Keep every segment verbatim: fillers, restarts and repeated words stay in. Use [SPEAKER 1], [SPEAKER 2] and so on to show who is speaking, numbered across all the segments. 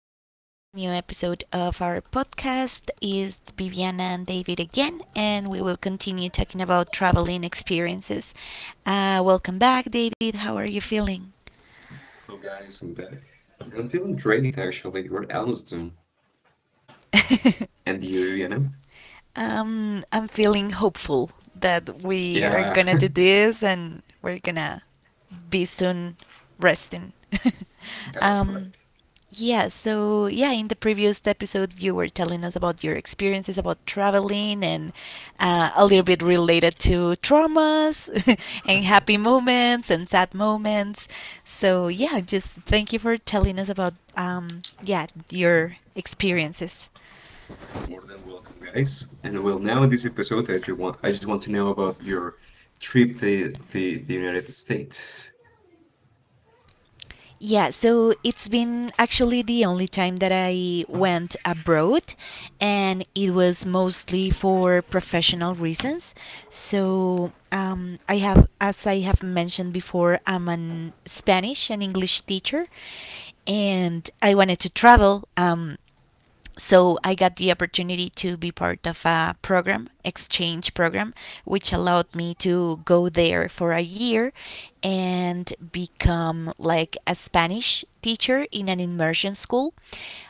[SPEAKER 1] everybody to a new episode of our podcast. It's Viviana and David again, and we will continue talking about traveling experiences. Uh, welcome back, David. How are you feeling?
[SPEAKER 2] Hello guys, I'm back. I'm feeling great actually. What else doing? And you, you know?
[SPEAKER 1] um, I'm feeling hopeful that we are
[SPEAKER 2] Yeah,
[SPEAKER 1] gonna do this and we're gonna be soon resting.
[SPEAKER 2] that's right.
[SPEAKER 1] um, Yeah, so yeah, in the previous episode, you were telling us about your experiences about traveling and uh, a little bit related to traumas, and happy moments and sad moments. So yeah, just thank you for telling us about um yeah your experiences.
[SPEAKER 2] More than welcome, guys. And well, now in this episode, I just want I just want to know about your trip to the, the United States.
[SPEAKER 1] Yeah, so it's been actually the only time that I went abroad, and it was mostly for professional reasons. So, um, I have, as I have mentioned before, I'm an Spanish and English teacher, and I wanted to travel. Um, so I got the opportunity to be part of a program, exchange program, which allowed me to go there for a year and become like a Spanish teacher in an immersion school.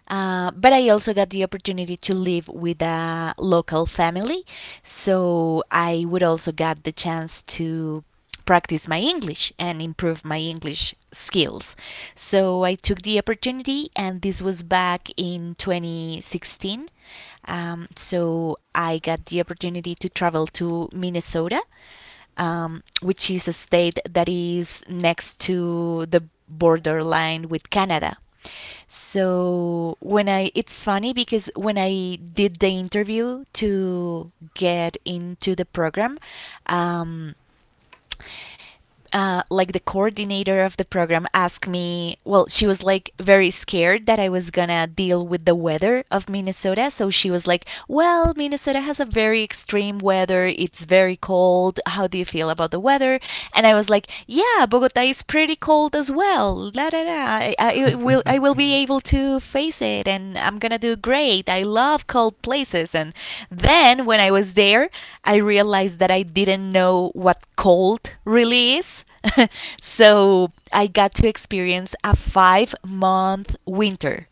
[SPEAKER 1] Uh, but I also got the opportunity to live with a local family, so I would also get the chance to practice my English and improve my English skills. So I took the opportunity, and this was back in twenty sixteen. Um, so I got the opportunity to travel to Minnesota, um, which is a state that is next to the borderline with Canada. So when I it's funny because when I did the interview to get into the program, um, uh, like the coordinator of the program asked me, well, she was like very scared that I was gonna deal with the weather of Minnesota. So she was like, well, Minnesota has a very extreme weather, it's very cold, how do you feel about the weather? And I was like, yeah, Bogota is pretty cold as well, la da da. I, I will I will be able to face it, and I'm gonna do great. I love cold places. And then when I was there, I realized that I didn't know what cold really is. So I got to experience a five month winter.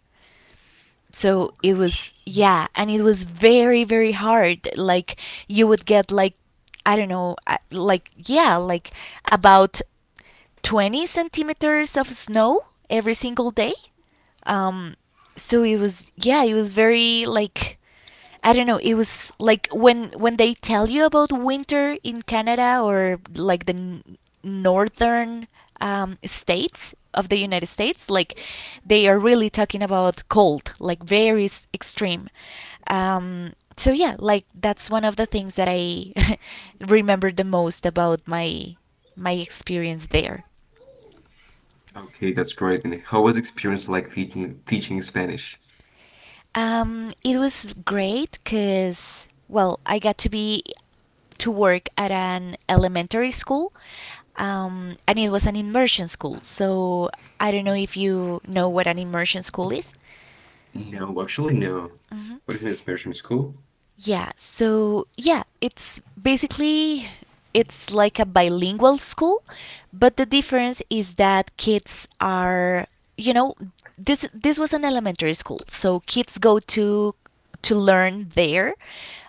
[SPEAKER 1] So
[SPEAKER 2] Oh
[SPEAKER 1] it
[SPEAKER 2] gosh.
[SPEAKER 1] was, yeah, and it was very very hard. Like you would get like, I don't know, uh, like yeah, like about twenty centimeters of snow every single day. Um, so it was, yeah, it was very like, I don't know, it was like when when they tell you about winter in Canada or like the n- northern um, states of the United States, like they are really talking about cold, like very s- extreme. Um, so yeah, like that's one of the things that I remember the most about my my experience there.
[SPEAKER 2] Okay, that's great. And how was experience like teaching teaching Spanish?
[SPEAKER 1] Um, it was great because, well, I got to be to work at an elementary school, um, and it was an immersion school. So I don't know if you know what an immersion school is.
[SPEAKER 2] No, actually no.
[SPEAKER 1] Mhm.
[SPEAKER 2] What is my Spanish in school?
[SPEAKER 1] Yeah. So yeah, it's basically it's like a bilingual school, but the difference is that kids are, you know, this this was an elementary school, so kids go to to learn there.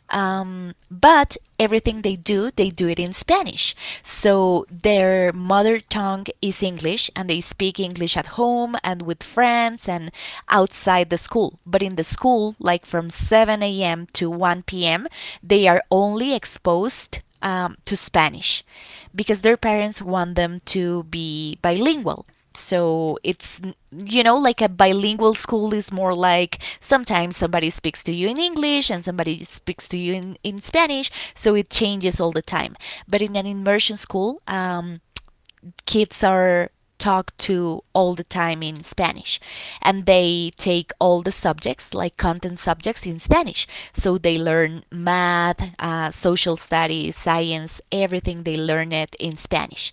[SPEAKER 1] Um, but everything they do, they do it in Spanish. So their mother tongue is English and they speak English at home and with friends and outside the school. But in the school, like from seven a m to one p m, they are only exposed um, to Spanish because their parents want them to be bilingual. So it's, you know, like a bilingual school is more like sometimes somebody speaks to you in English and somebody speaks to you in, in Spanish. So it changes all the time. But in an immersion school, um, kids are talked to all the time in Spanish. And they take all the subjects, like content subjects, in Spanish. So they learn math, uh, social studies, science, everything they learn it in Spanish.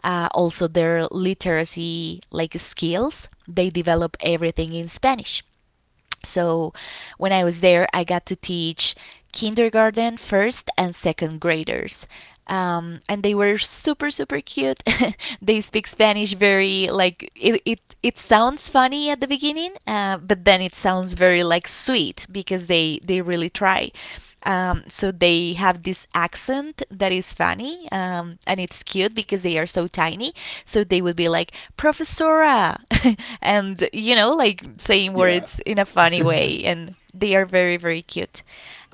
[SPEAKER 1] Uh, also, their literacy, like skills, they develop everything in Spanish. So when I was there, I got to teach kindergarten, first and second graders. Um, and they were super super cute. They speak Spanish very like it, it it sounds funny at the beginning, uh, but then it sounds very like sweet because they they really try. Um, so they have this accent that is funny, um, and it's cute because they are so tiny. So they would be like, Professora! And, you know, like saying
[SPEAKER 2] Yeah,
[SPEAKER 1] words in a funny way. And they are very, very cute.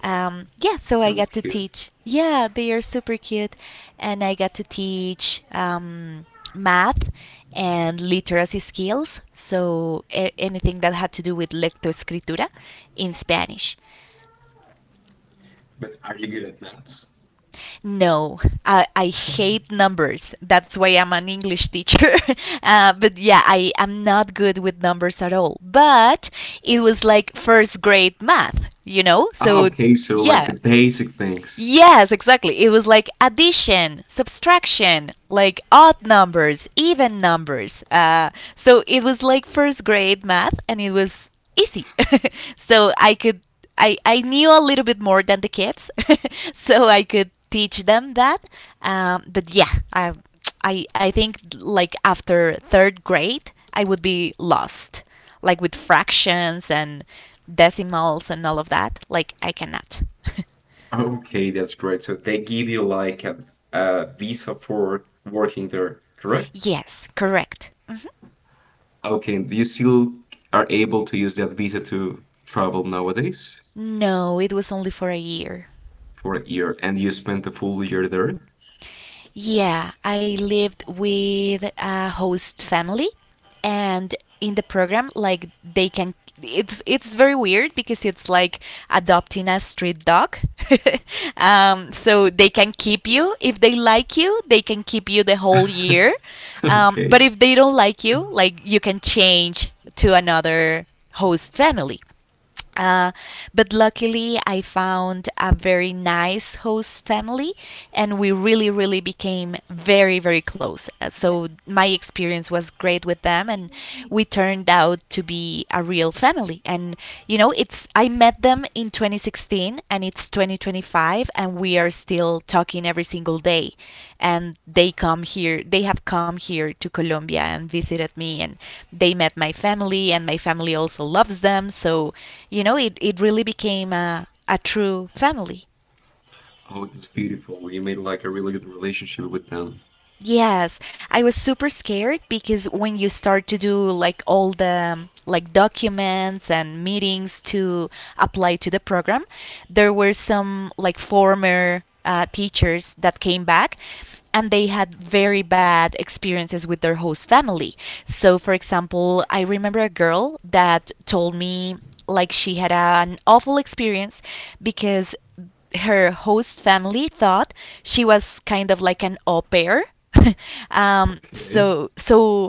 [SPEAKER 1] Um, yeah, so I
[SPEAKER 2] sounds
[SPEAKER 1] got to
[SPEAKER 2] cute.
[SPEAKER 1] teach. Yeah, they are super cute. And I got to teach um, math and literacy skills. So a- anything that had to do with lectoescritura in Spanish.
[SPEAKER 2] But are you good at maths?
[SPEAKER 1] No, I, I hate numbers. That's why I'm an English teacher. Uh, but yeah, I am not good with numbers at all. But it was like first grade math, you know?
[SPEAKER 2] Ah,
[SPEAKER 1] So
[SPEAKER 2] okay, so like
[SPEAKER 1] yeah.
[SPEAKER 2] the basic things.
[SPEAKER 1] Yes, exactly. It was like addition, subtraction, like odd numbers, even numbers. Uh, so it was like first grade math, and it was easy. So I could, I, I knew a little bit more than the kids, so I could teach them that. Um, but yeah, I, I, I think like after third grade, I would be lost, like with fractions and decimals and all of that. Like I cannot.
[SPEAKER 2] Okay, that's great. So they give you like a, a visa for working there, correct?
[SPEAKER 1] Yes, correct. Mhm.
[SPEAKER 2] Okay, you still are able to use that visa to travel nowadays
[SPEAKER 1] No, it was only for a year.
[SPEAKER 2] for a year, and you spent the full year there.
[SPEAKER 1] Yeah, I lived with a host family and in the program, like they can, it's it's very weird because it's like adopting a street dog. um, so they can keep you, if they like you, they can keep you the whole year. Um,
[SPEAKER 2] Okay.
[SPEAKER 1] but if they don't like you, like you can change to another host family. Uh, but luckily, I found a very nice host family, and we really, really became very, very close. Uh, So, my experience was great with them, and we turned out to be a real family. And, you know, it's, I met them in twenty sixteen, and it's twenty twenty-five, and we are still talking every single day. And they come here, they have come here to Colombia and visited me, and they met my family, and my family also loves them. So, you know, it, it really became a, a true family.
[SPEAKER 2] Oh, that's beautiful. You made like a really good relationship with them.
[SPEAKER 1] Yes, I was super scared because when you start to do like all the um, like documents and meetings to apply to the program, there were some like former uh, teachers that came back and they had very bad experiences with their host family. So, for example, I remember a girl that told me like she had an awful experience because her host family thought she was kind of like an au pair. um,
[SPEAKER 2] Okay.
[SPEAKER 1] so so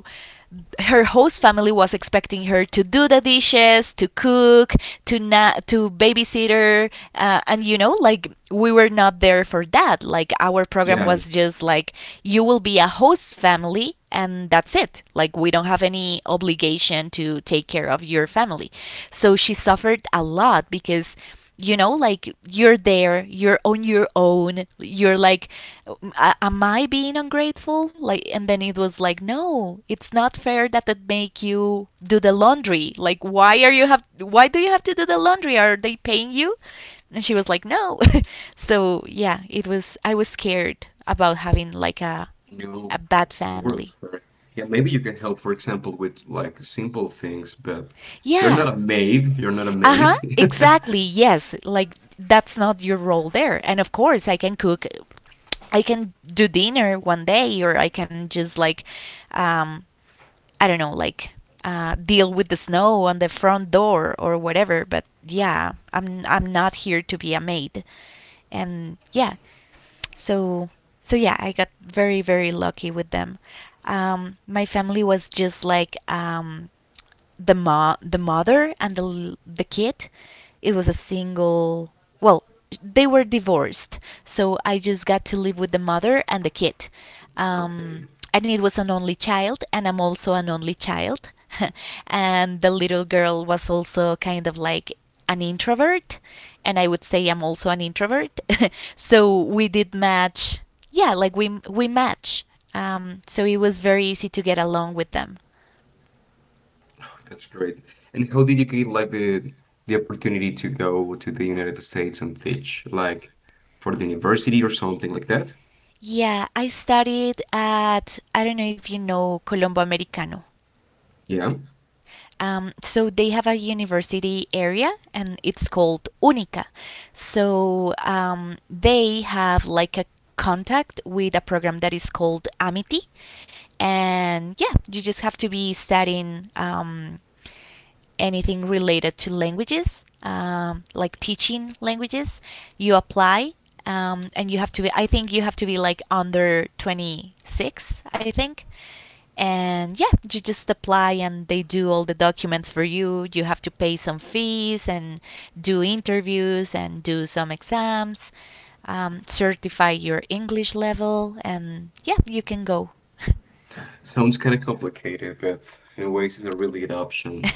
[SPEAKER 1] her host family was expecting her to do the dishes, to cook, to na- to babysitter, uh, and you know, like we were not there for that. Like our program
[SPEAKER 2] Yeah,
[SPEAKER 1] was just like, you will be a host family and that's it. Like we don't have any obligation to take care of your family. So she suffered a lot because, you know, like you're there, you're on your own, you're like, am I being ungrateful? Like, and then it was like, no, it's not fair that it make you do the laundry. Like, why are you have why do you have to do the laundry? Are they paying you? And she was like, no. So yeah, it was, I was scared about having like a a
[SPEAKER 2] no, poor,
[SPEAKER 1] bad
[SPEAKER 2] poor
[SPEAKER 1] family.
[SPEAKER 2] of her. Yeah, maybe you can help, for example, with like simple things, but you're
[SPEAKER 1] Yeah.
[SPEAKER 2] not a maid. You're not a
[SPEAKER 1] Uh-huh,
[SPEAKER 2] maid.
[SPEAKER 1] exactly, yes, like that's not your role there. And of course I can cook, I can do dinner one day, or I can just like, um, I don't know, like uh, deal with the snow on the front door or whatever. But yeah, I'm I'm not here to be a maid, and yeah, so so yeah, I got very very lucky with them. Um, my family was just like, um, the ma the mother and the the kid. It was a single, well, they were divorced, so I just got to live with the mother and the kid. um,
[SPEAKER 2] Okay.
[SPEAKER 1] and it was an only child and I'm also an only child. And the little girl was also kind of like an introvert, and I would say I'm also an introvert. So we did match. Yeah, like we we match. Um, so it was very easy to get along with them.
[SPEAKER 2] That's great. And how did you get like the the opportunity to go to the United States and teach, like for the university or something like that?
[SPEAKER 1] Yeah, I studied at, I don't know if you know Colombo Americano.
[SPEAKER 2] Yeah.
[SPEAKER 1] Um, so they have a university area and it's called Unica. So um, they have like a contact with a program that is called Amity. And yeah, you just have to be studying, um, anything related to languages, um, like teaching languages, you apply, um, and you have to be, I think you have to be like under twenty-six, I think. And yeah, you just apply and they do all the documents for you. You have to pay some fees and do interviews and do some exams, um, certify your English level, and yeah, you can go.
[SPEAKER 2] Sounds kind of complicated, but in ways it's a really good option.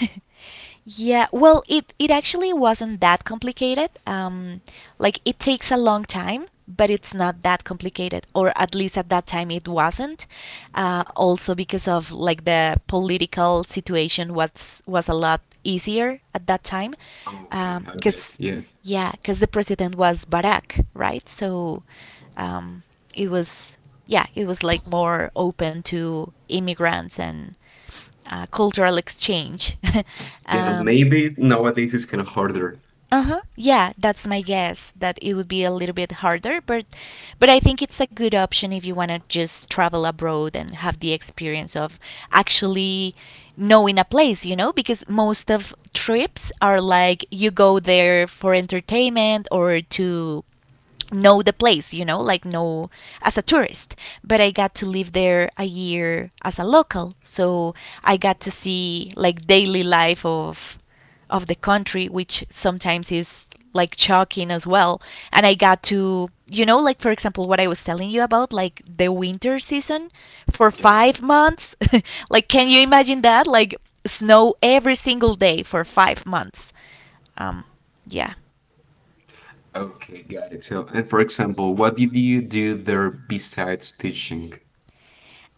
[SPEAKER 1] Yeah, well, it, it actually wasn't that complicated. Um, like, it takes a long time, but it's not that complicated, or at least at that time it wasn't. Uh, also because of like the political situation was was a lot easier at that time,
[SPEAKER 2] Okay, I bet.
[SPEAKER 1] because
[SPEAKER 2] Yeah.
[SPEAKER 1] yeah, because the president was Barack, right? So um, it was yeah, it was like more open to immigrants and uh, cultural exchange.
[SPEAKER 2] Yeah,
[SPEAKER 1] um,
[SPEAKER 2] maybe nowadays it's kind of harder.
[SPEAKER 1] uh huh. Yeah, that's my guess that it would be a little bit harder, but but I think it's a good option if you want to just travel abroad and have the experience of actually knowing a place, you know, because most of trips are like you go there for entertainment or to know the place, you know, like know as a tourist. But I got to live there a year as a local, so I got to see like daily life of of the country, which sometimes is like shocking as well. And I got to, you know, like for example, what I was telling you about, like the winter season for
[SPEAKER 2] Yeah.
[SPEAKER 1] five months. Like, can you imagine that? Like snow every single day for five months. Um, yeah,
[SPEAKER 2] Okay, got it. So, and for example, what did you do there besides teaching?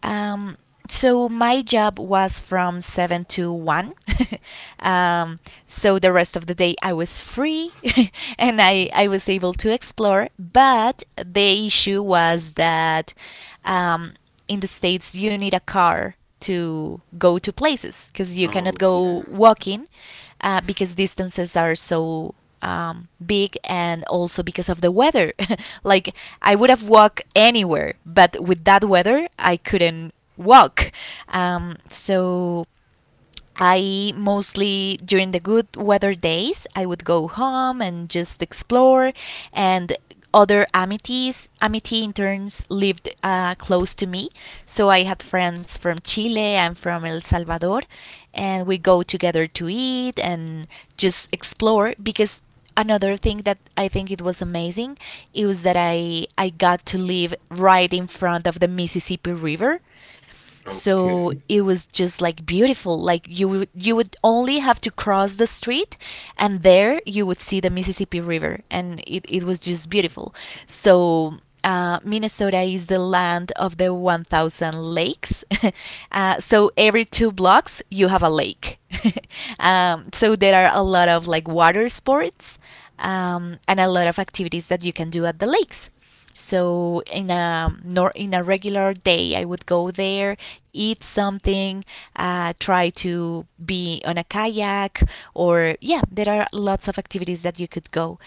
[SPEAKER 1] Um, so my job was from seven to one. um, so the rest of the day I was free and I, I was able to explore. But the issue was that um, in the States you need a car to go to places because you cannot
[SPEAKER 2] Oh, yeah.
[SPEAKER 1] go walking uh, because distances are so um, big and also because of the weather. Like I would have walked anywhere, but with that weather, I couldn't walk. Um, so I mostly during the good weather days I would go home and just explore and other amities amity interns lived uh, close to me, so I had friends from Chile and from El Salvador, and we go together to eat and just explore, because another thing that I think it was amazing, it was that I I got to live right in front of the Mississippi River. So
[SPEAKER 2] Okay.
[SPEAKER 1] it was just like beautiful, like you would you would only have to cross the street and there you would see the Mississippi River, and it, it was just beautiful. So uh, Minnesota is the land of the one thousand lakes. Uh, so every two blocks you have a lake. Um, so there are a lot of like water sports, um, and a lot of activities that you can do at the lakes. So in a nor in a regular day, I would go there, eat something, uh, try to be on a kayak, or yeah, there are lots of activities that you could go.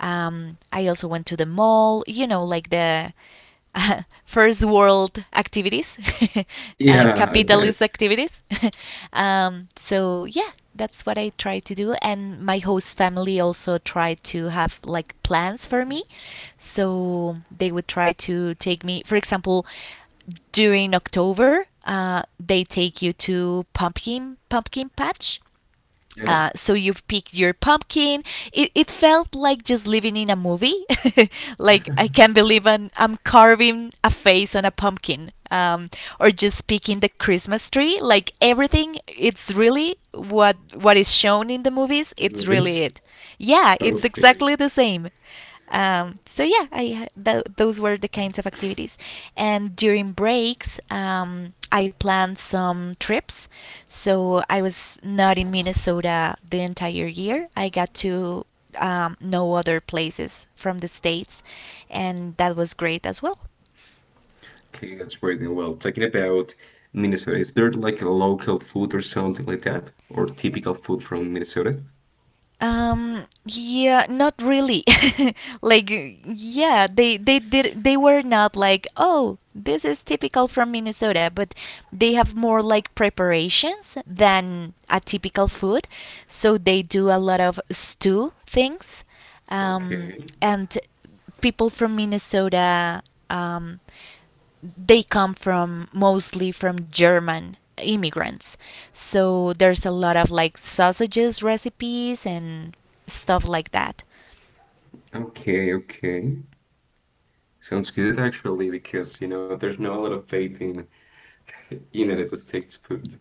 [SPEAKER 1] Um, I also went to the mall, you know, like the uh, first world activities, uh,
[SPEAKER 2] Yeah, I
[SPEAKER 1] capitalist
[SPEAKER 2] bet.
[SPEAKER 1] activities. Um, so yeah, that's what I try to do, and my host family also tried to have like plans for me. So they would try to take me, for example, during October, uh, they take you to pumpkin pumpkin patch,
[SPEAKER 2] Yeah.
[SPEAKER 1] uh, so you picked your pumpkin. It, it felt like just living in a movie. Like I can't believe I'm, I'm carving a face on a pumpkin, um, or just picking the Christmas tree. Like everything, it's really what what is shown in the movies. It's
[SPEAKER 2] Remember
[SPEAKER 1] really
[SPEAKER 2] this?
[SPEAKER 1] it. Yeah, it's
[SPEAKER 2] Okay.
[SPEAKER 1] exactly the same. Um, so yeah, I ha- those were the kinds of activities. And during breaks, um, I planned some trips. So I was not in Minnesota the entire year. I got to um, know other places from the States, and that was great as well.
[SPEAKER 2] Okay, that's great. And well, talking about Minnesota, is there like a local food or something like that? Or typical food from Minnesota?
[SPEAKER 1] Um, yeah, not really. Like, yeah, they they did they were not like, oh, this is typical from Minnesota, but they have more like preparations than a typical food. So they do a lot of stew things, um,
[SPEAKER 2] Okay.
[SPEAKER 1] and people from Minnesota, um, they come from mostly from German immigrants. So there's a lot of like sausages recipes and stuff like that.
[SPEAKER 2] Okay, okay. Sounds good actually, because you know there's not a lot of faith in United States food.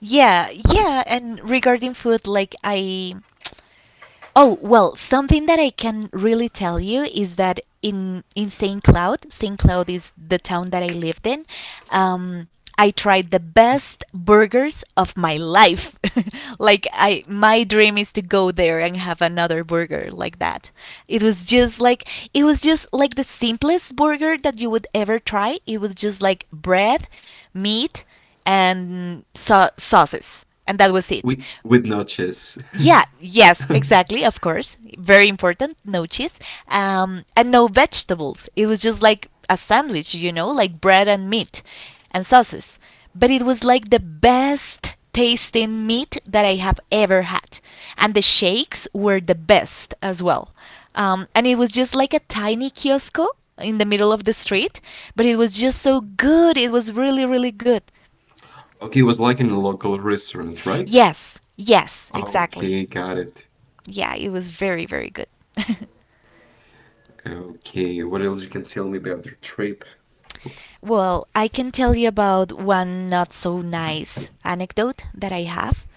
[SPEAKER 1] Yeah, yeah, and regarding food like I— oh, well, something that I can really tell you is that in in Saint Cloud, Saint Cloud is the town that I lived in. Um, I tried the best burgers of my life. Like I— my dream is to go there and have another burger like that. It was just like it was just like the simplest burger that you would ever try. It was just like bread, meat, and sau- sauces. And that was it.
[SPEAKER 2] With with notches.
[SPEAKER 1] Yeah, yes, exactly, of course. Very important, no cheese. Um, and no vegetables. It was just like a sandwich, you know, like bread and meat and sauces. But it was like the best tasting meat that I have ever had. And the shakes were the best as well. Um, and it was just like a tiny kiosk in the middle of the street, but it was just so good. It was really, really good.
[SPEAKER 2] Okay, it was like in a local restaurant, right?
[SPEAKER 1] Yes, yes, exactly.
[SPEAKER 2] Okay, got it.
[SPEAKER 1] Yeah, it was very, very good.
[SPEAKER 2] Okay, what else you can tell me about your trip?
[SPEAKER 1] Well, I can tell you about one not so nice anecdote that I have.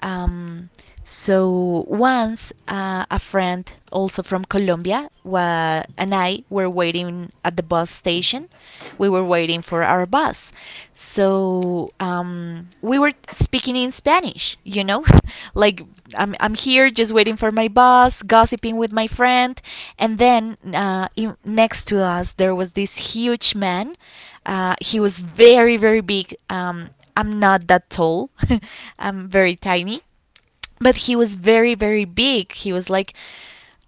[SPEAKER 1] Um, so once uh, a friend, also from Colombia, wa- and I were waiting at the bus station. We were waiting for our bus. So um, we were speaking in Spanish, you know? Like, I'm, I'm here just waiting for my bus, gossiping with my friend. And then uh, in, next to us, there was this huge man. Uh, he was very, very big. Um, I'm not that tall. I'm very tiny. But he was very, very big. He was like,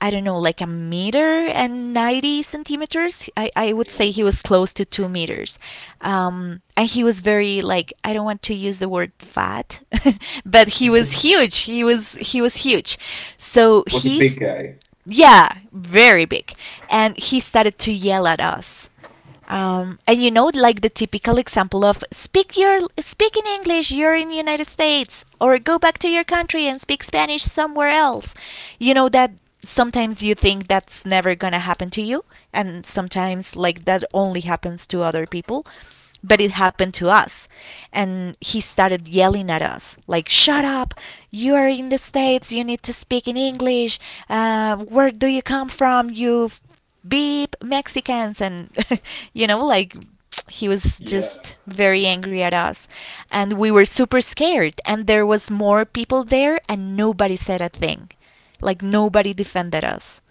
[SPEAKER 1] I don't know, like a meter and ninety centimeters. I, I would
[SPEAKER 2] Yeah.
[SPEAKER 1] say he was close to two meters. Um, and he was very like, I don't want to use the word fat, but he was huge. He was, he was huge. So
[SPEAKER 2] Was a
[SPEAKER 1] he's—
[SPEAKER 2] big guy.
[SPEAKER 1] yeah, very big. And he started to yell at us, um, and you know like the typical example of speak your speak in English, you're in the United States, or go back to your country and speak Spanish somewhere else. You know that sometimes you think that's never gonna happen to you, and sometimes like that only happens to other people, but it happened to us. And he started yelling at us like shut up, you are in the States, you need to speak in English, uh, where do you come from, you beep Mexicans, and you know like he was
[SPEAKER 2] Yeah.
[SPEAKER 1] just very angry at us. And we were super scared, and there was more people there and nobody said a thing, like nobody defended us.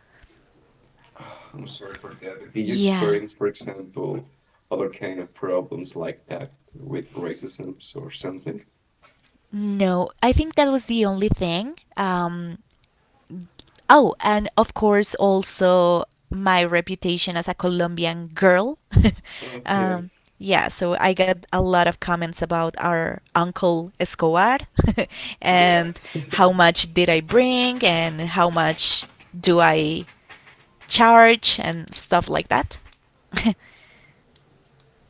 [SPEAKER 2] I'm sorry for that. Did you
[SPEAKER 1] Yeah,
[SPEAKER 2] experience, for example, other kind of problems like that with racism or something?
[SPEAKER 1] no, I think that was the only thing. um Oh, and of course, also my reputation as a Colombian girl.
[SPEAKER 2] Oh, yeah.
[SPEAKER 1] um, yeah, so I got a lot of comments about our uncle Escobar
[SPEAKER 2] Yeah.
[SPEAKER 1] and how much did I bring and how much do I charge and stuff like that.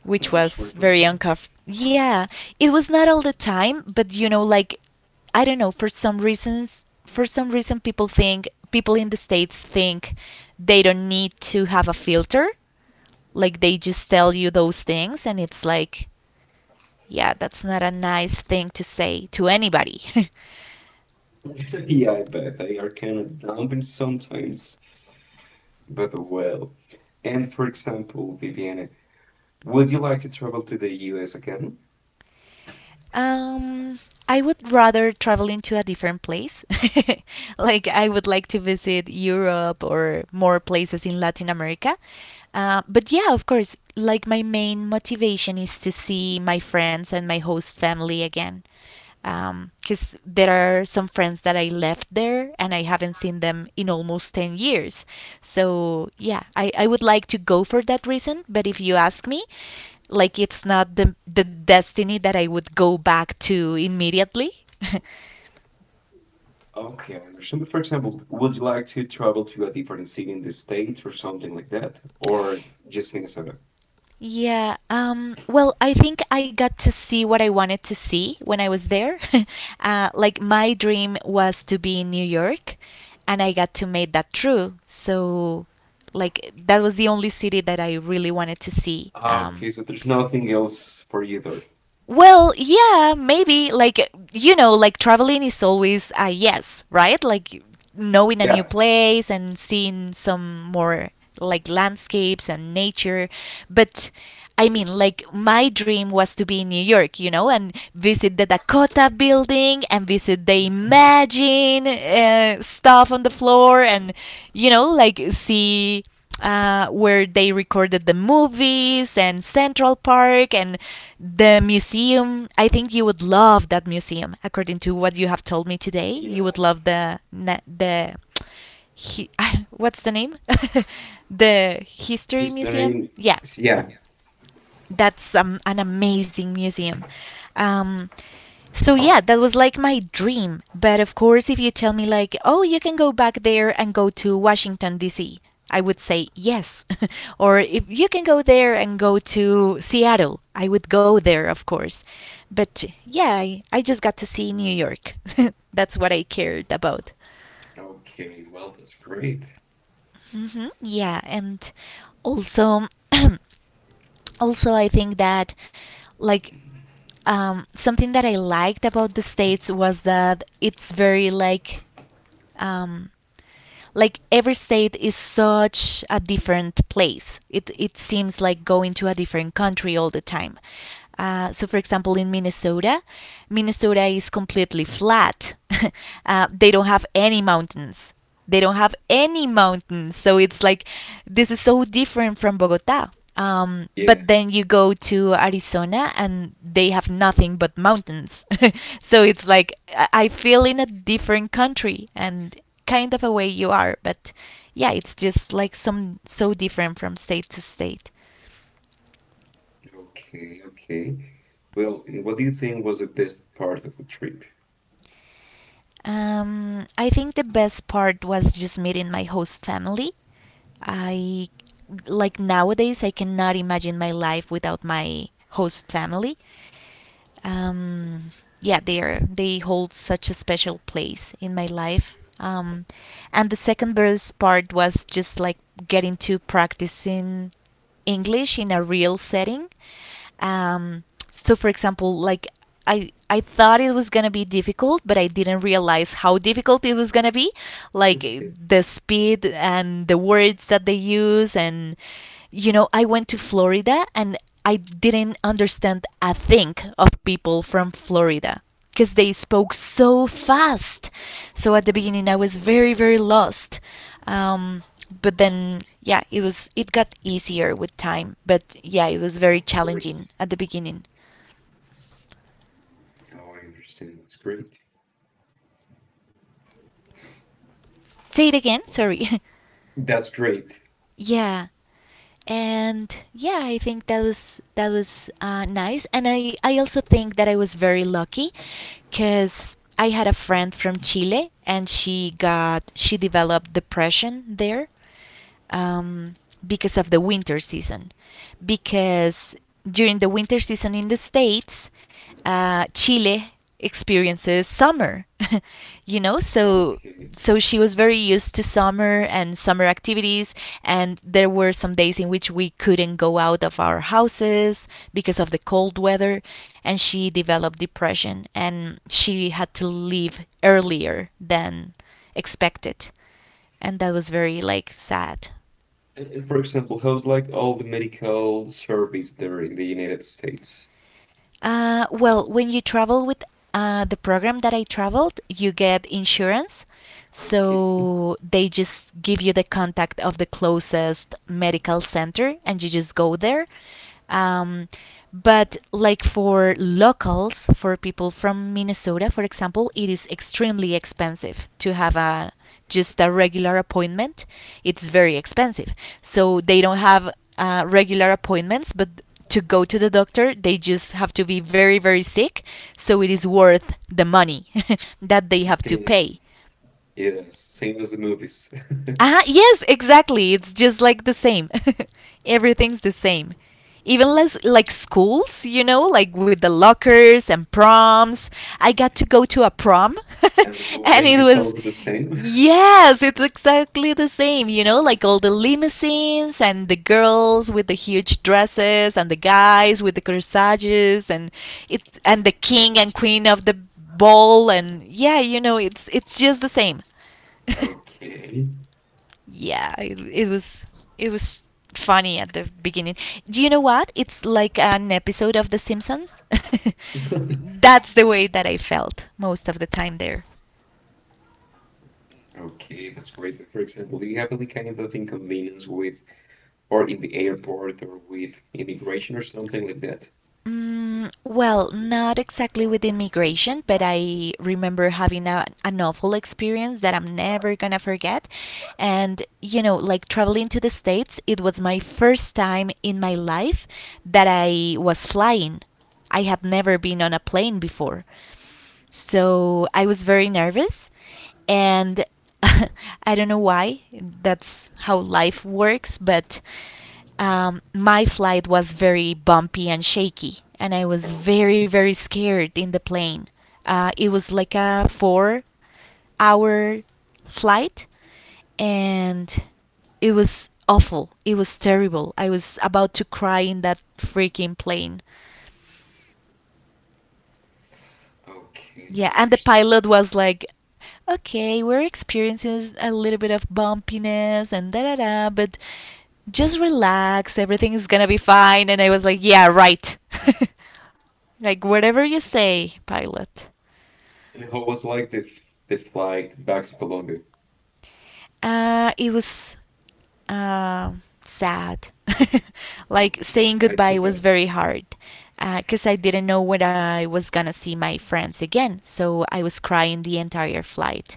[SPEAKER 1] Which
[SPEAKER 2] I'm sorry
[SPEAKER 1] was
[SPEAKER 2] for
[SPEAKER 1] very
[SPEAKER 2] that.
[SPEAKER 1] uncomfortable. Yeah, it was not all the time, but you know, like I don't know, for some reasons, for some reason, people think— people in the States think they don't need to have a filter. Like they just tell you those things, and it's like, yeah, that's not a nice thing to say to anybody.
[SPEAKER 2] Yeah, I bet they are kind of dumping sometimes, but well. And for example, Viviana, would you like to travel to the U S again?
[SPEAKER 1] Um, I would rather travel into a different place. Like I would like to visit Europe or more places in Latin America. Uh, but yeah, of course, like my main motivation is to see my friends and my host family again, because um, there are some friends that I left there and I haven't seen them in almost ten years. So, yeah, I, I would like to go for that reason. But if you ask me, like, it's not the, the destiny that I would go back to immediately.
[SPEAKER 2] Okay, I understand. But for example, would you like to travel to a different city in the States or something like that? Or just Minnesota?
[SPEAKER 1] Yeah. Um, well, I think I got to see what I wanted to see when I was there. Uh, like my dream was to be in New York, and I got to make that true. So, like that was the only city that I really wanted to see.
[SPEAKER 2] Ah, okay.
[SPEAKER 1] Um,
[SPEAKER 2] Okay, so there's nothing else for either.
[SPEAKER 1] well, yeah, maybe. Like, you know, like traveling is always a yes, right? Like knowing a new
[SPEAKER 2] Yeah,
[SPEAKER 1] place and seeing some more like landscapes and nature. But I mean, like, my dream was to be in New York, you know, and visit the Dakota building and visit the Imagine uh, stuff on the floor, and, you know, like see uh, where they recorded the movies, and Central Park, and the museum. I think you would love that museum, according to what you have told me today. You
[SPEAKER 2] yeah.
[SPEAKER 1] would love the the he, what's the name? The history museum.
[SPEAKER 2] History.
[SPEAKER 1] Yeah,
[SPEAKER 2] S- Yeah.
[SPEAKER 1] that's um, an amazing museum. Um, so yeah, that was like my dream. But of course, if you tell me like, "Oh, you can go back there and go to Washington D C" I would say yes. Or if you can go there and go to Seattle, I would go there, of course. But yeah, I, I just got to see New York. That's what I cared about.
[SPEAKER 2] Okay. Well, that's great.
[SPEAKER 1] hmm Yeah, and also also I think that like um, something that I liked about the states was that it's very like, um, like every state is such a different place. It it seems like going to a different country all the time. Uh, so, for example, in Minnesota, Minnesota is completely flat. uh, they don't have any mountains. They don't have any mountains. So it's like this is so different from Bogota. Um,
[SPEAKER 2] Yeah.
[SPEAKER 1] but then you go to Arizona and they have nothing but mountains. So it's like I I feel in a different country, and kind of a way you are, but yeah, it's just like some so different from state to state.
[SPEAKER 2] Okay. Okay. Well, and what do you think was the best part of the trip?
[SPEAKER 1] Um, I think the best part was just meeting my host family. I Like nowadays I cannot imagine my life without my host family. um, yeah, they are they hold such a special place in my life. Um, and the second best part was just like getting to practicing English in a real setting. Um, so, for example, like I I thought it was gonna be difficult, but I didn't realize how difficult it was gonna be. Like
[SPEAKER 2] Okay.
[SPEAKER 1] the speed and the words that they use, and you know, I went to Florida and I didn't understand a thing of people from Florida because they spoke so fast. So at the beginning, I was very very lost. Um, but then yeah, it was it got easier with time, but yeah, it was very
[SPEAKER 2] Of
[SPEAKER 1] challenging
[SPEAKER 2] course.
[SPEAKER 1] at the beginning.
[SPEAKER 2] Oh, I understand. That's great.
[SPEAKER 1] Say it again,
[SPEAKER 2] Well,
[SPEAKER 1] sorry.
[SPEAKER 2] that's great.
[SPEAKER 1] Yeah, and yeah, I think that was that was uh, nice, and I I also think that I was very lucky, cause I had a friend from Chile, and she got she developed depression there, um, because of the winter season, because during the winter season in the states, uh, Chile experiences summer. You know, so
[SPEAKER 2] Okay.
[SPEAKER 1] so she was very used to summer and summer activities, and there were some days in which we couldn't go out of our houses because of the cold weather, and she developed depression and she had to leave earlier than expected, and that was very like sad.
[SPEAKER 2] And, and for example, how's like all the medical service there in the United States?
[SPEAKER 1] Uh, well, when you travel with uh, the program that I traveled, you get insurance.
[SPEAKER 2] Okay.
[SPEAKER 1] So they just give you the contact of the closest medical center and you just go there. Um, but like for locals, for people from Minnesota, for example, it is extremely expensive to have a just a regular appointment. It's very expensive. So they don't have uh, regular appointments, but to go to the doctor, they just have to be very, very sick. So it is worth the money that they have to
[SPEAKER 2] Damn.
[SPEAKER 1] pay.
[SPEAKER 2] Yes. Same as the movies.
[SPEAKER 1] Ah, yes, exactly. It's just like the same. Everything's the same. Even less like schools, you know, like with the lockers and proms. I got to go to a prom
[SPEAKER 2] And the
[SPEAKER 1] and
[SPEAKER 2] bullying
[SPEAKER 1] it
[SPEAKER 2] is
[SPEAKER 1] was,
[SPEAKER 2] also the same.
[SPEAKER 1] yes, it's exactly the same, you know, like all the limousines and the girls with the huge dresses and the guys with the corsages, and it's and the king and queen of the ball, and yeah, you know, it's it's just the same.
[SPEAKER 2] Okay.
[SPEAKER 1] Yeah, it, it was it was funny at the beginning. Do you know what? It's like an episode of The Simpsons. That's the way that I felt most of the time there.
[SPEAKER 2] Okay, that's great. And for example, do you have any kind of inconvenience with, or in the airport, or with immigration or something like that?
[SPEAKER 1] Mm, well, not exactly with immigration, but I remember having a, an awful experience that I'm never gonna forget. And, you know, like traveling to the States, it was my first time in my life that I was flying. I had never been on a plane before. So I was very nervous and I don't know why. That's how life works, but um, my flight was very bumpy and shaky, and I was very,
[SPEAKER 2] Okay,
[SPEAKER 1] very scared in the plane. Uh, it was like a four hour flight, and it was awful. It was terrible. I was about to cry in that freaking plane.
[SPEAKER 2] okay,
[SPEAKER 1] Yeah,
[SPEAKER 2] I
[SPEAKER 1] and the
[SPEAKER 2] understand.
[SPEAKER 1] pilot was like, okay, we're experiencing a little bit of bumpiness and da da da, but just relax, everything is gonna be fine. And I was like, yeah, right. Like, whatever you say, pilot.
[SPEAKER 2] And how was like the the flight back to Colombia?
[SPEAKER 1] Uh, it was uh, sad.
[SPEAKER 2] Oh,
[SPEAKER 1] Like, saying
[SPEAKER 2] I can
[SPEAKER 1] goodbye was
[SPEAKER 2] bet.
[SPEAKER 1] very hard because uh, I didn't know when I was gonna see my friends again, so I was crying the entire flight.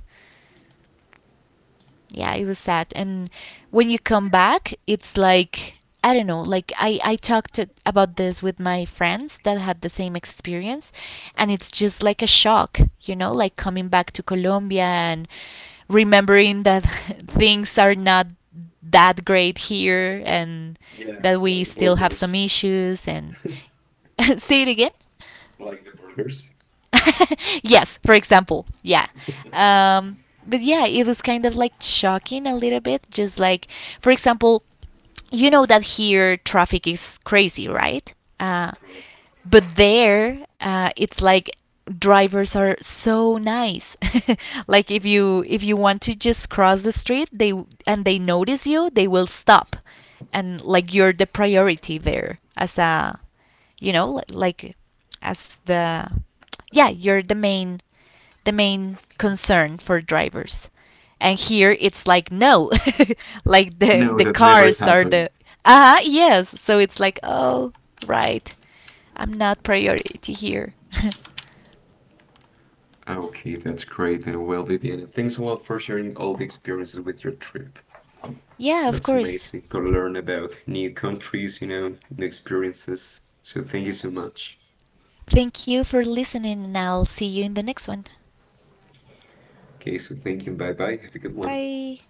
[SPEAKER 1] Yeah, it was sad. And when you come back, it's like I don't know. Like I I talked to, about this with my friends that had the same experience, and it's just like a shock, you know, like coming back to Colombia and remembering that things are not that great here, and
[SPEAKER 2] Yeah,
[SPEAKER 1] that
[SPEAKER 2] like
[SPEAKER 1] we
[SPEAKER 2] the
[SPEAKER 1] still have some
[SPEAKER 2] burgers,
[SPEAKER 1] issues, and say it again.
[SPEAKER 2] like the burgers.
[SPEAKER 1] Yes, for example, yeah. Um, but yeah, it was kind of like shocking a little bit. Just like, for example, you know that here traffic is crazy, right? Uh,
[SPEAKER 2] Correct.
[SPEAKER 1] but there, uh, it's like drivers are so nice. Like if you if you want to just cross the street, they and they notice you, they will stop, and like you're the priority there as a, you know, li- like as the yeah, you're the main the main concern for drivers. And here it's like no, like the
[SPEAKER 2] No,
[SPEAKER 1] the
[SPEAKER 2] that never
[SPEAKER 1] cars are
[SPEAKER 2] happened.
[SPEAKER 1] the, ah uh yes. So it's like, oh, right, I'm not priority here.
[SPEAKER 2] Okay, that's great. And well, Viviana, thanks a lot for sharing all the experiences with your trip.
[SPEAKER 1] Yeah, of
[SPEAKER 2] That's
[SPEAKER 1] course.
[SPEAKER 2] amazing to learn about new countries, you know, new experiences. So thank you so much.
[SPEAKER 1] Thank you for listening, and I'll see you in the next one.
[SPEAKER 2] Okay, so thank you. Bye bye. Have a good one.
[SPEAKER 1] Bye.